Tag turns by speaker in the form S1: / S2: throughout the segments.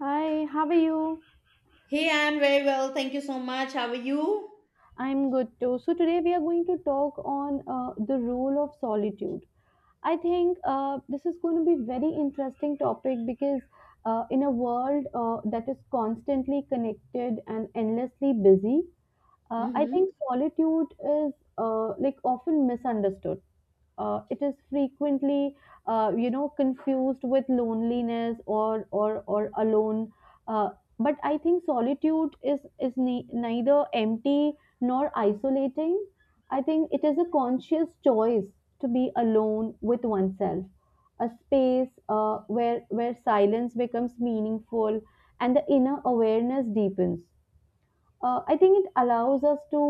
S1: Hi, how are you?
S2: Hey, I'm very well. Thank you so much. How are you?
S1: I'm good too. So today we are going to talk on the role of solitude. I think this is going to be very interesting topic because in a world that is constantly connected and endlessly busy, I
S2: Mm-hmm.
S1: think solitude is like often misunderstood. It is frequently confused with loneliness or alone, uh, but I think solitude is neither empty nor isolating. I think it is a conscious choice to be alone with oneself, a space where silence becomes meaningful and the inner awareness deepens. I think it allows us to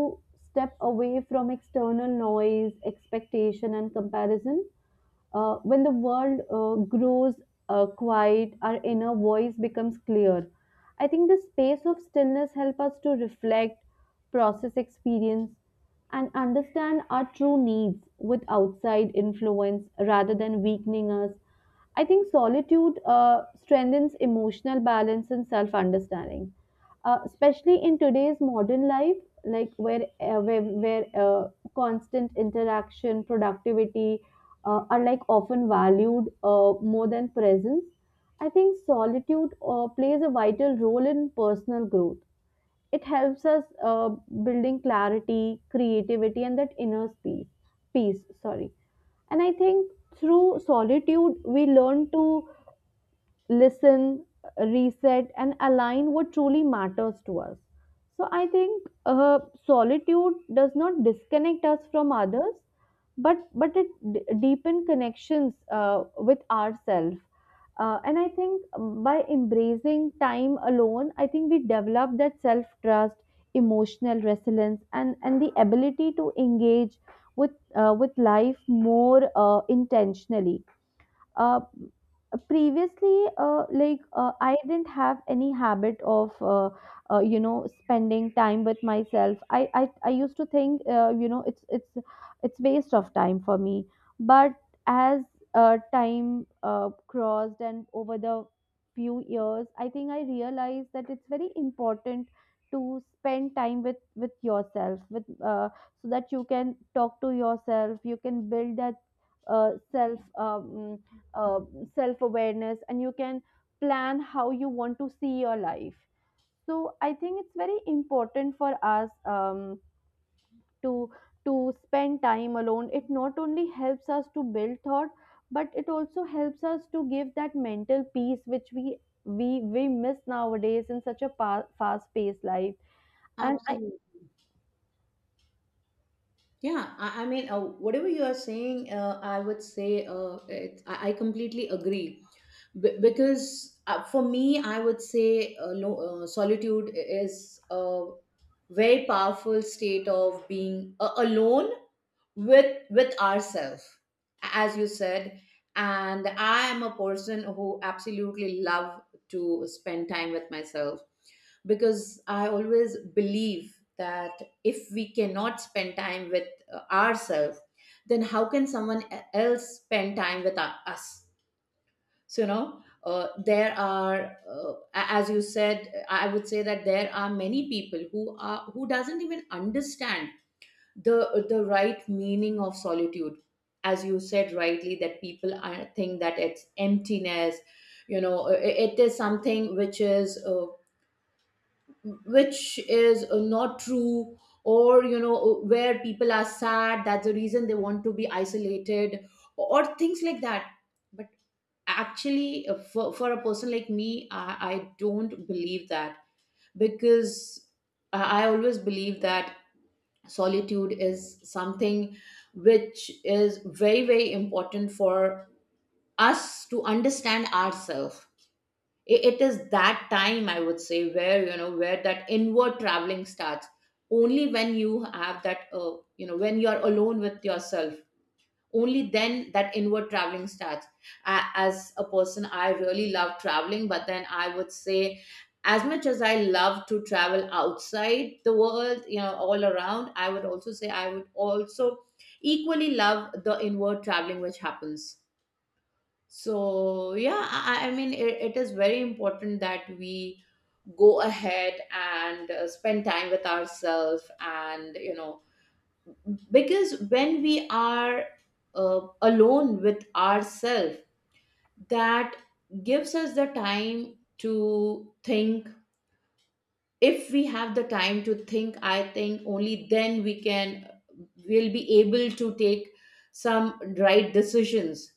S1: step away from external noise, expectation and comparison. When the world grows quiet, our inner voice becomes clear. I think the space of stillness helps us to reflect, process experience, and understand our true needs with outside influence rather than weakening us. I think solitude strengthens emotional balance and self understanding, especially in today's modern life, like where constant interaction, productivity, are like often valued more than presence. I think solitude plays a vital role in personal growth. It helps us building clarity, creativity, and that inner peace. Peace, sorry. And I think through solitude, we learn to listen, reset, and align what truly matters to us. So I think solitude does not disconnect us from others, but it deepen connections with ourselves. And I think by embracing time alone, I think we develop that self trust, emotional resilience, and the ability to engage with with life more intentionally. Uh, previously uh, like uh, I didn't have any habit of spending time with myself. I used to think it's waste of time for me, but as time crossed and over the few years, I think I realized that it's very important to spend time with yourself, with so that you can talk to yourself, you can build that uh, self um, uh, self awareness, and you can plan how you want to see your life. So I think it's very important for us to spend time alone. It not only helps us to build thought, but it also helps us to give that mental peace which we miss nowadays in such a fast paced life. And I...
S2: Absolutely. Yeah, I mean, whatever you are saying, I would say I completely agree. Because for me, I would say solitude is a very powerful state of being alone with ourselves, as you said. And I am a person who absolutely love to spend time with myself, because I always believe that if we cannot spend time with ourselves, then how can someone else spend time with us? So you know, there are as you said, I would say that there are many people who are who doesn't even understand the right meaning of solitude. As you said rightly that people are, think that it's emptiness, you know. It is something which is not true, or you know, where people are sad, that's the reason they want to be isolated, or things like that. But actually for a person like me, I don't believe that, because I always believe that solitude is something which is very very important for us to understand ourselves. It is that time, I would say, where you know, where that inward traveling starts. Only when you have that you know, when you are alone with yourself, only then that inward traveling starts. As a person I really love traveling, but then I would say, as much as I love to travel outside the world, you know, all around, I would also say, I would also equally love the inward traveling which happens. So yeah, I mean it is very important that we go ahead and spend time with ourselves, and you know, because when we are alone with ourselves, that gives us the time to think. If we have the time to think, I think only then we can will be able to take some right decisions.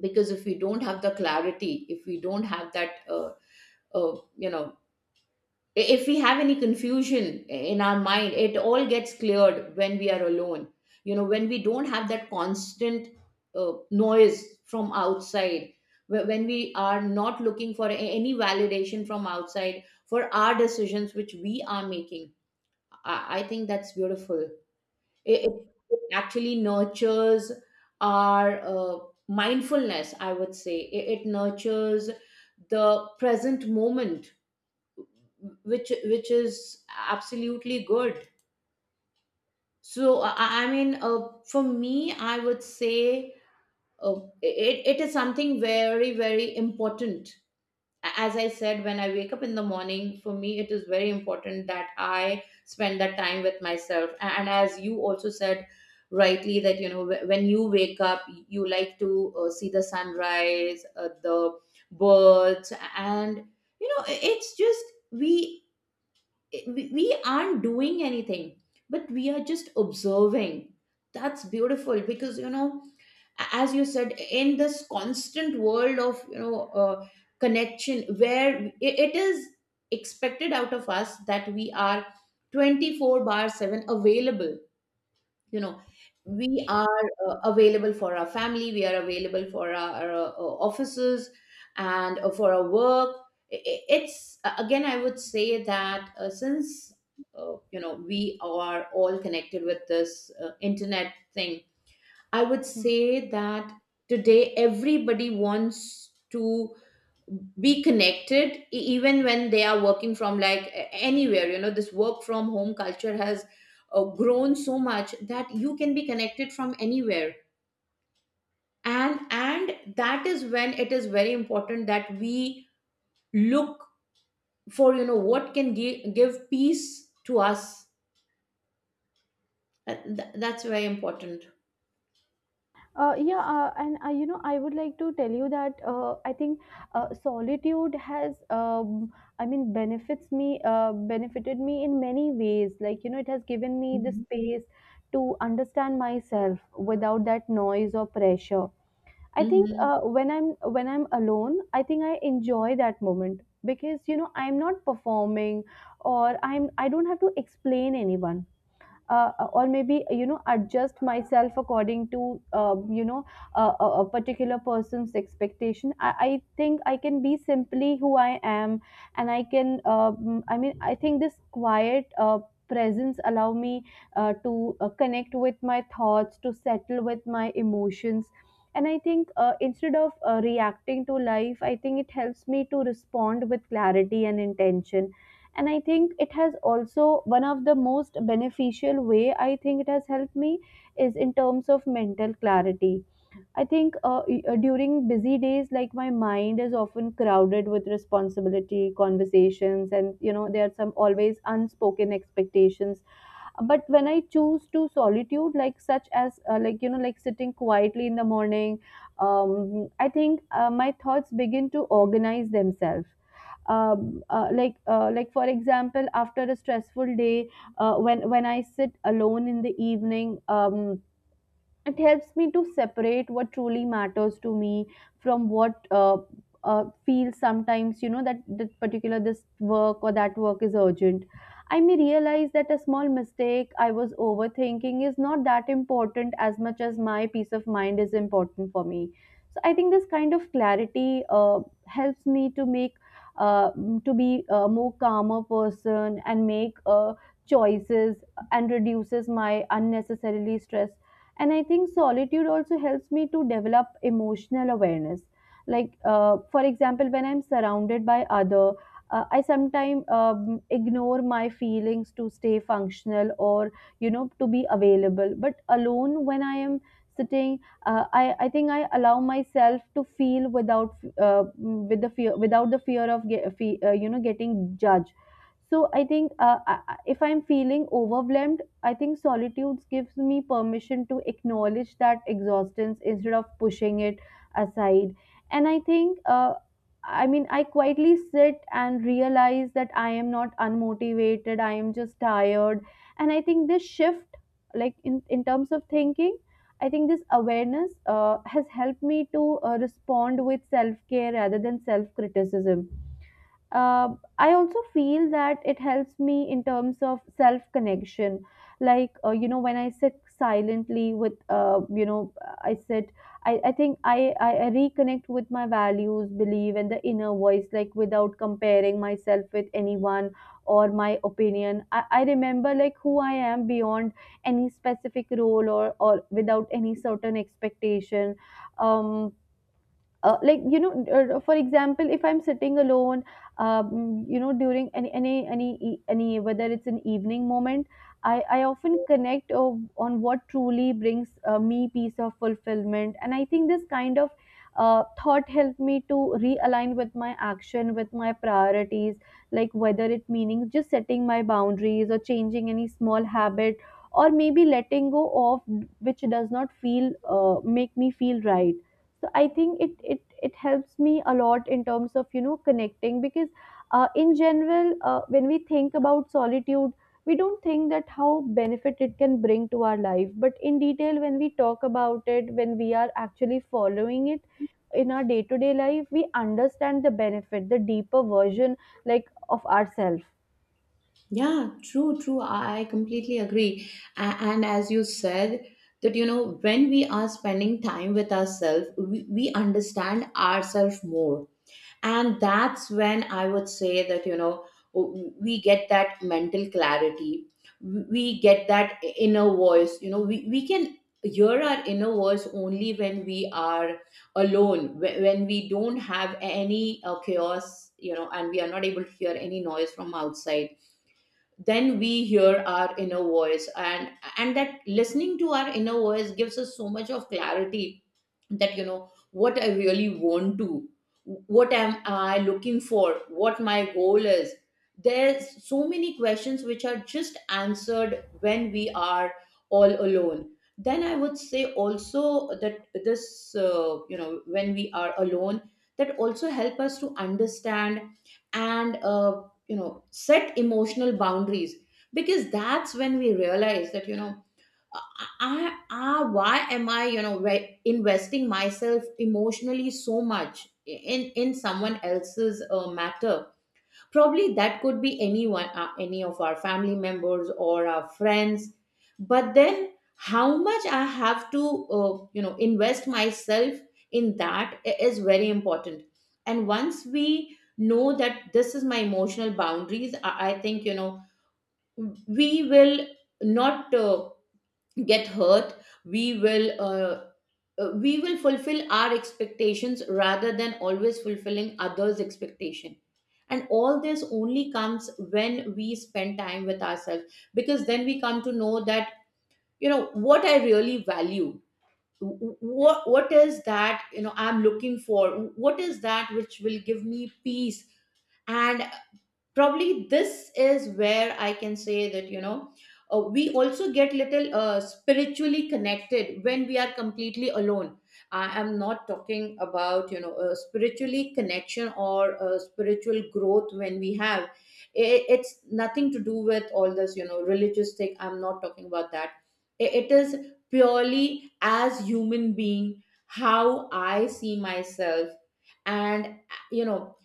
S2: Because if we don't have the clarity, if we don't have that you know, if we have any confusion in our mind, it all gets cleared when we are alone. You know, when we don't have that constant noise from outside, when we are not looking for any validation from outside for our decisions which we are making, I think that's beautiful. It it actually nurtures our mindfulness, I would say. It nurtures the present moment, which is absolutely good. So I mean for me I would say it is something very very important. As I said, when I wake up in the morning, for me it is very important that I spend that time with myself. And as you also said rightly, that you know, when you wake up, you like to see the sunrise, the birds, and you know, it's just, we we we aren't doing anything, but we are just observing. That's beautiful, because you know, as you said, in this constant world of, you know, connection, where it is expected out of us that we are 24/7 available. You know, we are available for our family, we are available for our offices and for our work. It's again I would say that, since you know, we are all connected with this internet thing. I would say that today everybody wants to be connected, even when they are working from, like, anywhere. You know, this work from home culture has grown so much that you can be connected from anywhere. And that is when it is very important that we look for, you know, what can give peace to us. That's very important.
S1: Yeah, and I, you know, I would like to tell you that I think solitude has, I mean, benefited me in many ways. Like, you know, it has given me the
S2: Mhm.
S1: space to understand myself without that noise or pressure. I think
S2: Mhm.
S1: when I'm alone, I think I enjoy that moment because you know I'm not performing, or I don't have to explain anyone, or maybe you know adjust myself according to, a particular person's expectation. I think I can be simply who I am, and I can, I mean, I think this quiet presence allow me to connect with my thoughts, to settle with my emotions. And I think instead of reacting to life, I think it helps me to respond with clarity and intention. And I think it has also, one of the most beneficial way I think it has helped me is in terms of mental clarity. I think during busy days, like my mind is often crowded with responsibility, conversations, and you know there are some always unspoken expectations. But when I choose to solitude, like such as like you know like sitting quietly in the morning, I think my thoughts begin to organize themselves. Like for example after a stressful day, when I sit alone in the evening, it helps me to separate what truly matters to me from what feels sometimes you know that particular this work or that work is urgent. I may realize that a small mistake I was overthinking is not that important as much as my peace of mind is important for me. So I think this kind of clarity helps me to make uh, to be a more calmer person and make choices and reduces my unnecessarily stress. And I think solitude also helps me to develop emotional awareness. Like for example when I'm surrounded by other, I sometimes ignore my feelings to stay functional or you know to be available. But alone when I am sitting, I think I allow myself to feel with the fear, without the fear of you know getting judged. So I think if I'm feeling overwhelmed, I think solitude gives me permission to acknowledge that exhaustion instead of pushing it aside. And I think, I mean, I quietly sit and realize that I am not unmotivated, I am just tired. And I think this shift, like in terms of thinking, I think this awareness has helped me to respond with self care rather than self criticism. uh, I also feel that it helps me in terms of self connection. Like, when I sit silently with, you know, I sit, I think I reconnect with my values, belief, and the inner voice, like without comparing myself with anyone or my opinion. I remember like who I am beyond any specific role, or without any certain expectation. Um, for example, if I'm sitting alone, you know during any whether it's an evening moment, I often connect on what truly brings me peace of fulfillment. And I think this kind of thought helped me to realign with my action, with my priorities, like whether it meaning just setting my boundaries or changing any small habit, or maybe letting go of which does not feel make me feel right. So I think it it helps me a lot in terms of you know connecting, because in general when we think about solitude, we don't think that how benefit it can bring to our life. But in detail, when we talk about it, when we are actually following it in our day to day life, we understand the benefit, the deeper version, like of ourselves.
S2: Yeah, true, true. I completely agree. And as you said, that you know, when we are spending time with ourselves, we understand ourselves more. And that's when I would say that, you know, we get that mental clarity, we get that inner voice. You know, we can hear our inner voice only when we are alone, when we don't have any chaos, you know, and we are not able to hear any noise from outside, then we hear our inner voice. And that listening to our inner voice gives us so much of clarity, that you know, what I really want to, what am I looking for, what my goal is. There's so many questions which are just answered when we are all alone. Then I would say also that this, you know, when we are alone, that also help us to understand and, you know, set emotional boundaries. Because that's when we realize that, you know, why am I, you know, investing myself emotionally so much in someone else's matter? Probably that could be anyone, any of our family members or our friends. But then, how much I have to, you know, invest myself in that is very important. And once we know that this is my emotional boundaries, I think, you know, we will not. Get hurt. We will we will fulfill our expectations rather than always fulfilling others expectation. And all this only comes when we spend time with ourselves, because then we come to know that, you know, what I really value, what is that, you know, I'm looking for, what is that which will give me peace. And probably this is where I can say that, you know, we also get little spiritually connected when we are completely alone. I am not talking about, you know, spiritually connection or spiritual growth. When we have, it's nothing to do with all this, you know, religious thing. I'm not talking about that. It is purely as human being, how I see myself. And you know,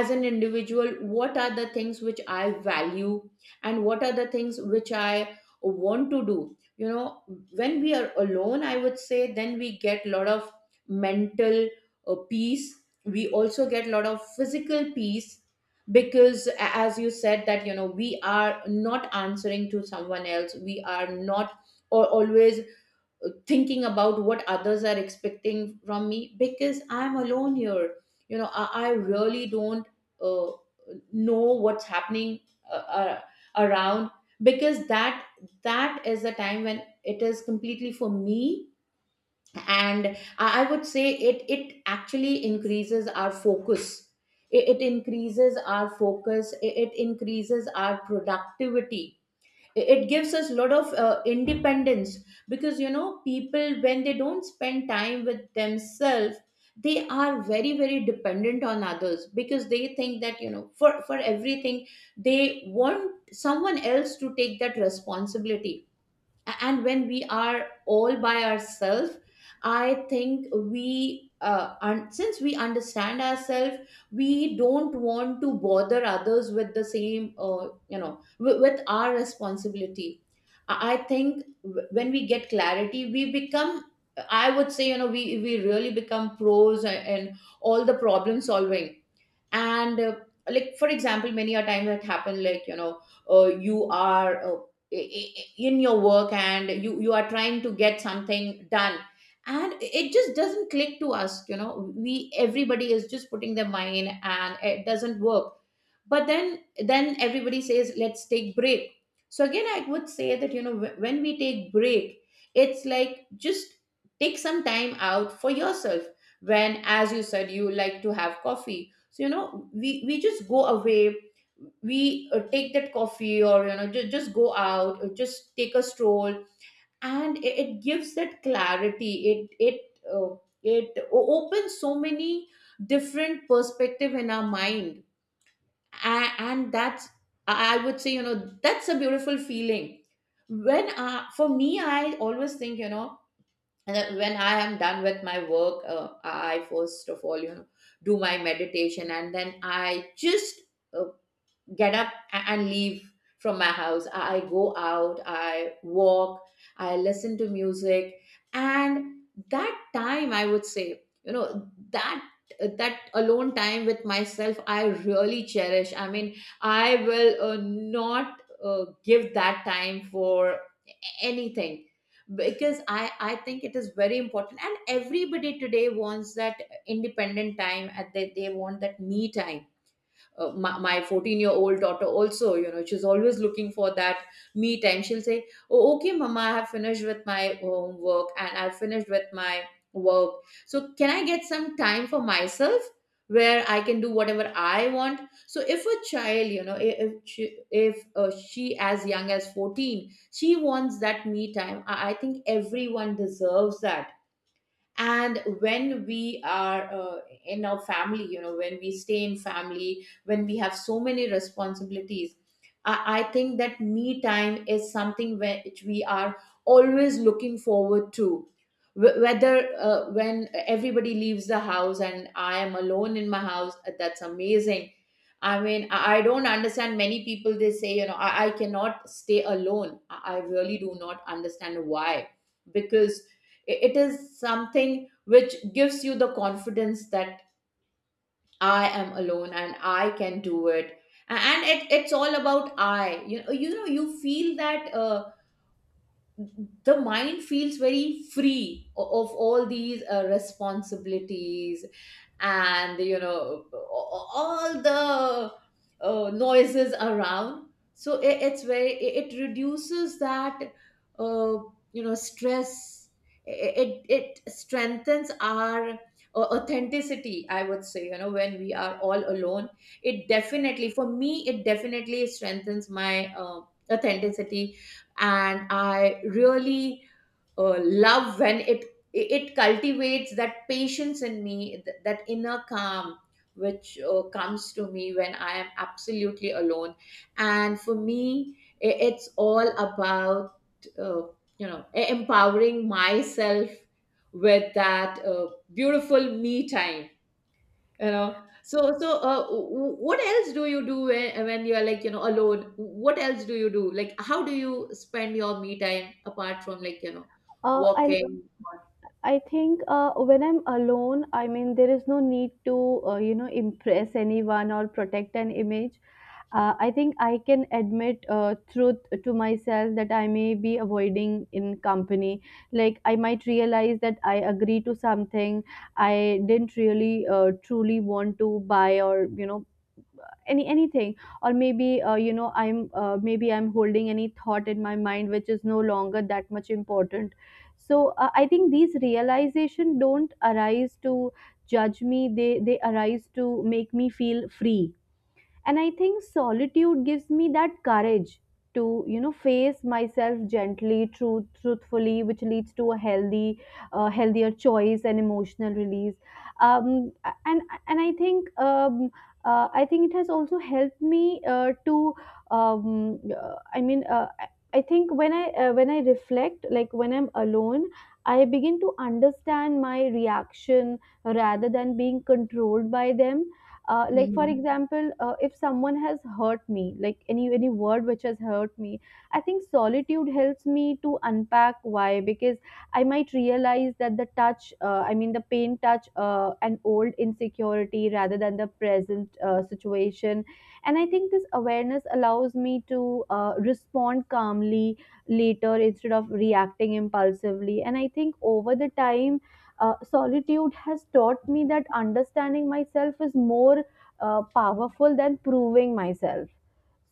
S2: as an individual, what are the things which I value, and what are the things which I want to do. You know, when we are alone, I would say then we get a lot of mental peace. We also get a lot of physical peace, because as you said, that, you know, we are not answering to someone else, we are not or always thinking about what others are expecting from me, because I'm alone here. You know, I really don't uh, know what's happening uh, uh, around, because that that is the time when it is completely for me. And I would say it actually increases our focus. It increases our focus. It increases our productivity. It gives us a lot of independence, because you know, people when they don't spend time with themselves, they are very very dependent on others, because they think that, you know, for everything they want someone else to take that responsibility. And when we are all by ourselves, I think we since we understand ourselves, we don't want to bother others with the same, you know, with our responsibility. I think when we get clarity, we become, I would say, you know, we really become pros, and all the problem solving. And like for example, many a time that happen, like you know, you are in your work, and you are trying to get something done, and it just doesn't click to us. You know, we, everybody is just putting their mind, and it doesn't work. But then everybody says, let's take break. So again I would say that, you know, when we take break, it's like just take some time out for yourself. When, as you said, you like to have coffee. So you know, we just go away. We take that coffee, or you know, just go out, or just take a stroll. And it gives that clarity. It it uh, opens so many different perspective in our mind. And that's, I would say, you know, that's a beautiful feeling. When, for me, I always think, you know, that when I am done with my work, I first of all, you know, do my meditation, and then I just uh, get up and leave from my house. I go out, I walk, I listen to music, and that time I would say, you know, that alone time with myself I really cherish. I mean, I will not give that time for anything, because I think it is very important, and everybody today wants that independent time. And they want that me time. My 14-year-old daughter also, you know, she's always looking for that me time. She'll say, oh, okay, mama, I have finished with my homework and I've finished with my work, so can I get some time for myself where I can do whatever I want? So if a child, you know, I- if she as young as 14, she wants that me time, I think everyone deserves that. And when we are in our family, you know, when we stay in family, when we have so many responsibilities, I think that me time is something which we are always looking forward to. Whether when everybody leaves the house and I am alone in my house, that's amazing. I mean, I don't understand many people. They say, you know, I cannot stay alone. I really do not understand why. Because it is something which gives you the confidence that I am alone and I can do it. And it's all about I you know you know you feel that the mind feels very free of all these responsibilities, and, you know, all the noises around. So it's very, it reduces that uh, stress. It strengthens our authenticity, I would say, you know, when we are all alone. It definitely for me it definitely strengthens my authenticity. And I really love when it cultivates that patience in me, that inner calm which comes to me when I am absolutely alone. And for me, it's all about uh, empowering myself with that beautiful me time, you know. So what else do you do when, you are, like, you know, alone? What else do you do, like, how do you spend your me time apart from, like,
S1: uh, I
S2: walking?
S1: I think when I'm alone, I mean, there is no need to, impress anyone or protect an image. I think I can admit truth to myself that I may be avoiding in company. Like, I might realize that I agree to something I didn't really truly want to buy, or, you know, anything, or maybe you know I'm maybe I'm holding any thought in my mind which is no longer that much important. So I think these realization don't arise to judge me, they arise to make me feel free. And I think solitude gives me that courage to you know face myself gently, truthfully, which leads to a healthy, healthier choice and emotional release. um, and and I think, I think it has also helped me to, I i think when I reflect, like when I'm alone, I begin to understand my reaction rather than being controlled by them. Like for
S2: Mhm.
S1: example if someone has hurt me, like any word which has hurt me, I think solitude helps me to unpack why. Because I might realize that the touch, the pain touch an old insecurity rather than the present situation. And I think this awareness allows me to respond calmly later instead of reacting impulsively. And I think over the time, solitude has taught me that understanding myself is more powerful than proving myself.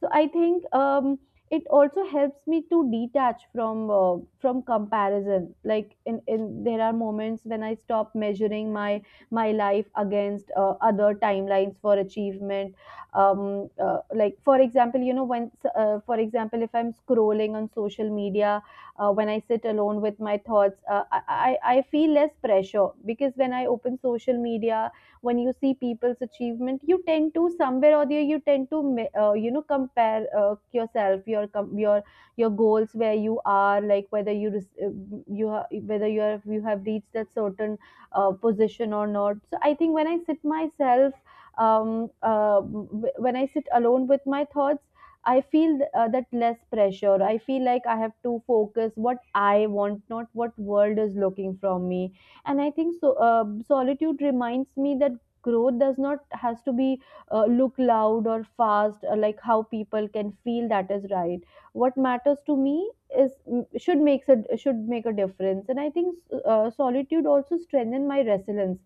S1: So I think, it also helps me to detach from comparison. Like in there are moments when I stop measuring my life against other timelines for achievement. Like for example you know when, for example if I'm scrolling on social media, when I sit alone with my thoughts, I feel less pressure. Because when I open social media, when you see people's achievement, you tend to somewhere or the other, you tend to you know compare yourself, your your goals, where you are, like whether you whether you have reached that certain position or not. So I think when I sit myself when I sit alone with my thoughts, I feel that less pressure. I feel like I have to focus what I want, not what world is looking from me. And I think so. Solitude reminds me that growth does not has to be look loud or fast, or like how people can feel that is right. What matters to me is should makes a should make a difference. And I think solitude also strengthen my resilience.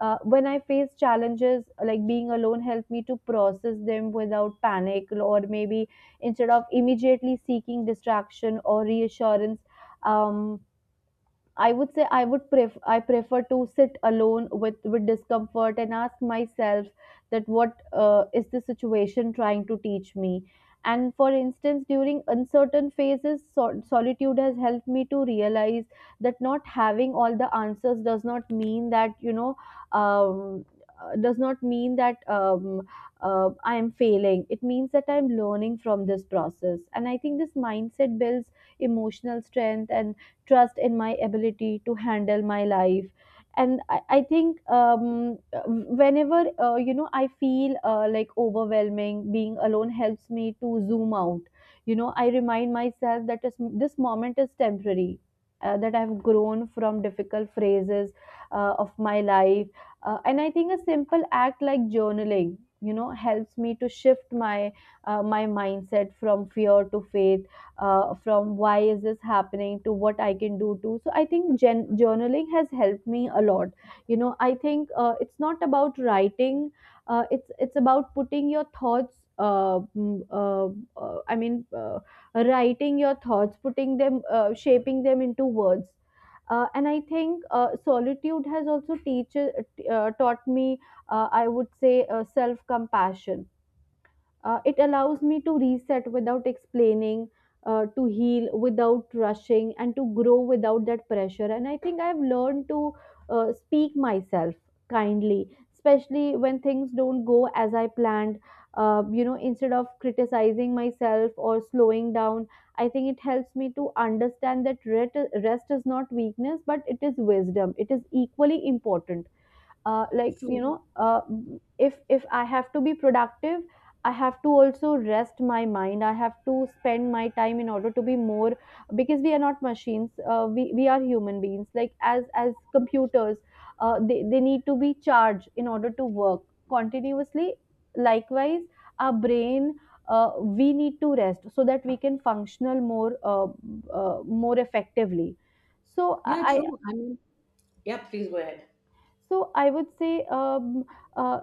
S1: When I face challenges, like being alone, help me to process them without panic or maybe instead of immediately seeking distraction or reassurance. um, I would say I prefer to sit alone with discomfort and ask myself that what is the situation trying to teach me. And for instance, during uncertain phases, solitude has helped me to realize that not having all the answers does not mean that um, does not mean that I am failing. It means that I am learning from this process. And I think this mindset builds emotional strength and trust in my ability to handle my life. And I think whenever you know, I feel like overwhelming, being alone helps me to zoom out. You know, I remind myself that this moment is temporary, that I've grown from difficult phases of my life. And I think a simple act like journaling, you know, helps me to shift my my mindset from fear to faith, from why is this happening to what I can do too. So I think journaling has helped me a lot. You know, I think it's not about writing, it's about putting your thoughts uh, i mean uh, writing your thoughts, putting them, shaping them into words. And I think solitude has also taught me, I would say, self compassion. It allows me to reset without explaining, to heal without rushing, and to grow without that pressure. And I think I've learned to speak myself kindly, especially when things don't go as I planned. You know, instead of criticizing myself or slowing down, I think it helps me to understand that rest is not weakness, but it is wisdom. It is equally important, like you
S2: True.
S1: know, if I have to be productive, I have to also rest my mind. I have to spend my time in order to be more, because we are not machines. We are human beings, like as computers, they need to be charged in order to work continuously. Likewise our brain, we need to rest so that we can functional more, more effectively. so
S2: Yeah,
S1: i
S2: true, I mean. Yeah, please go ahead.
S1: so I would say, uh,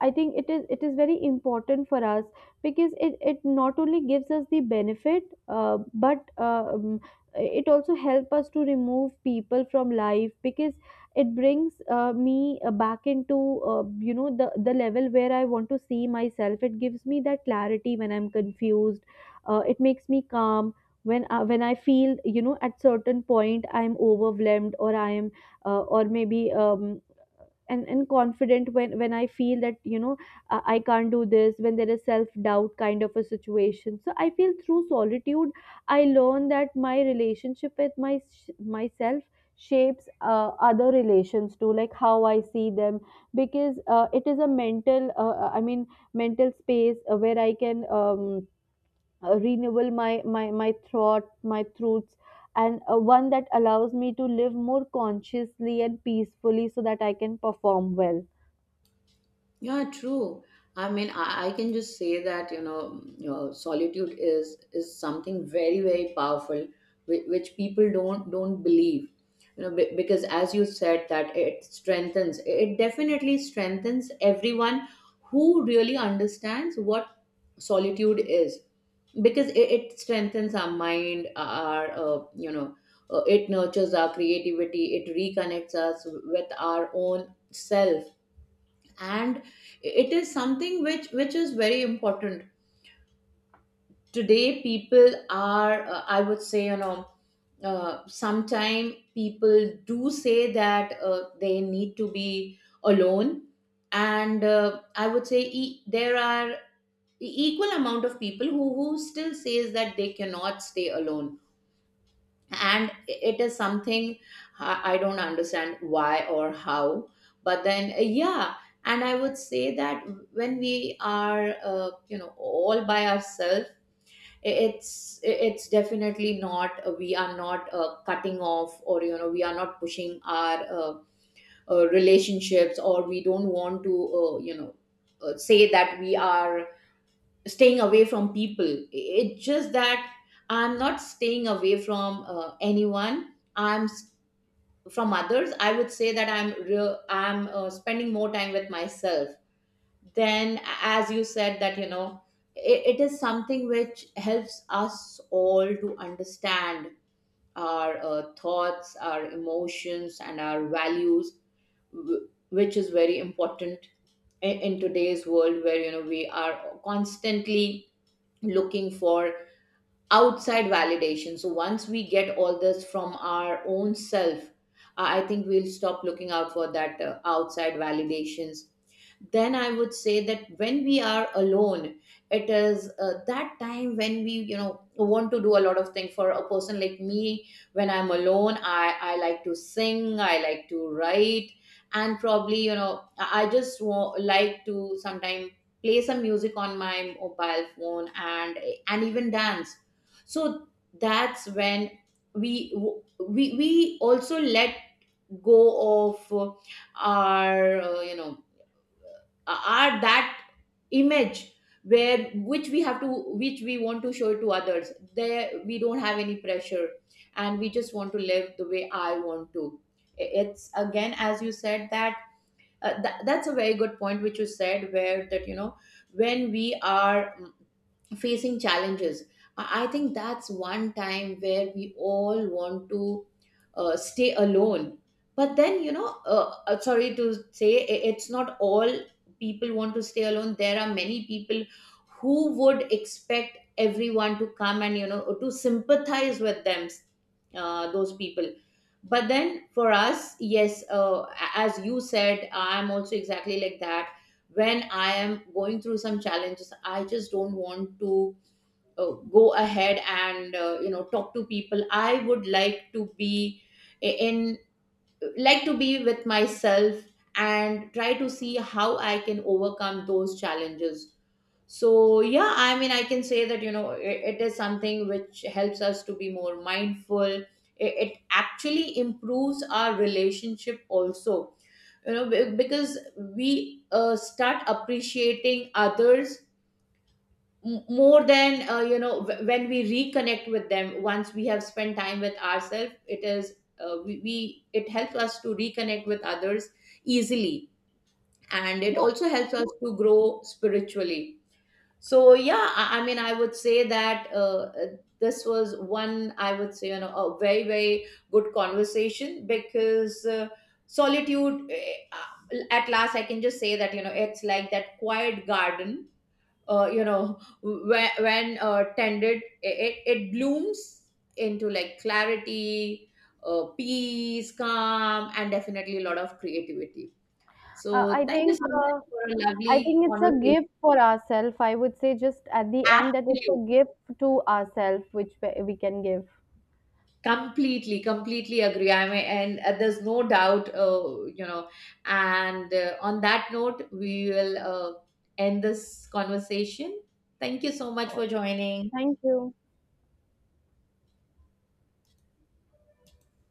S1: I think it is very important for us, because it not only gives us the benefit, but it also helps us to remove people from life, because it brings me back into, you know, the level where I want to see myself. It gives me that clarity when I'm confused. It makes me calm when I feel, you know, at certain point I'm overwhelmed, or I am or maybe and confident when I feel that, you know, I can't do this, when there is self doubt kind of a situation. So I feel through solitude I learn that my relationship with my myself shapes other relations too, like how I see them, because it is a mental mental space where I can renewable my throat my throats, and one that allows me to live more consciously and peacefully so that I can perform well.
S2: Yeah, true. I mean, I can just say that, solitude is something very, very powerful, which people don't believe. You know, because as you said, that it strengthens. It definitely strengthens everyone who really understands what solitude is, because it strengthens our mind, it nurtures our creativity. It reconnects us with our own self, and it is something which is very important. Today people are I would say, you know, sometime people do say that they need to be alone. And I would say there are equal amount of people who still says that they cannot stay alone. And it is something I don't understand why or how. But then yeah. And I would say that when we are all by ourselves, it's it's definitely not, we are not cutting off, or, you know, we are not pushing our relationships, or we don't want to uh, you know say that we are staying away from people. It's just that I'm not staying away from anyone. From others I would say that I'm spending more time with myself. Then, as you said, that you know, it is something which helps us all to understand our thoughts, our emotions, and our values, which is very important in today's world, where, you know, we are constantly looking for outside validation. So once we get all this from our own self, I think we'll stop looking out for that outside validations. Then I would say that when we are alone, it is that time when we, want to do a lot of things. For a person like me, when I'm alone, I like to sing, I like to write, and probably, you know, I just like to sometimes play some music on my mobile phone, and even dance. So that's when we we also let go of our you know are that image, where which we have to which we want to show to others. There, we don't have any pressure, and we just want to live the way I want to. It's again, as you said, that that's a very good point which you said, where that, you know, when we are facing challenges, I think that's one time where we all want to stay alone. But then, you know, sorry to say, it's not all people want to stay alone. There are many people who would expect everyone to come and, you know, to sympathize with them, those people. But then for us, yes, as you said, I'm also exactly like that. When I am going through some challenges, I just don't want to go ahead and talk to people. I would like to be in with myself and try to see how I can overcome those challenges. So yeah, I mean, I can say that, you know, it is something which helps us to be more mindful. It actually improves our relationship also, you know, because we start appreciating others more than, when we reconnect with them. Once we have spent time with ourselves, it is we it helps us to reconnect with others easily, and it also helps us to grow spiritually. So yeah, I mean, I would say that uh, this was one, I would say, you know, a very, very good conversation. Because solitude, at last, I can just say that, you know, it's like that quiet garden. When tended, it blooms into, like, clarity, peace, calm, and definitely a lot of creativity.
S1: uh, I
S2: So thank you
S1: think
S2: so much
S1: uh,
S2: for a
S1: I
S2: lovely
S1: think it's a
S2: conversation.
S1: gift for ourselves. I would say just at the end that it's
S2: Absolutely.
S1: a gift to ourselves which we can give.
S2: Completely, completely agree, I mean, and there's no doubt, and on that note, we will end this conversation. Thank you so much for joining.
S1: Thank you.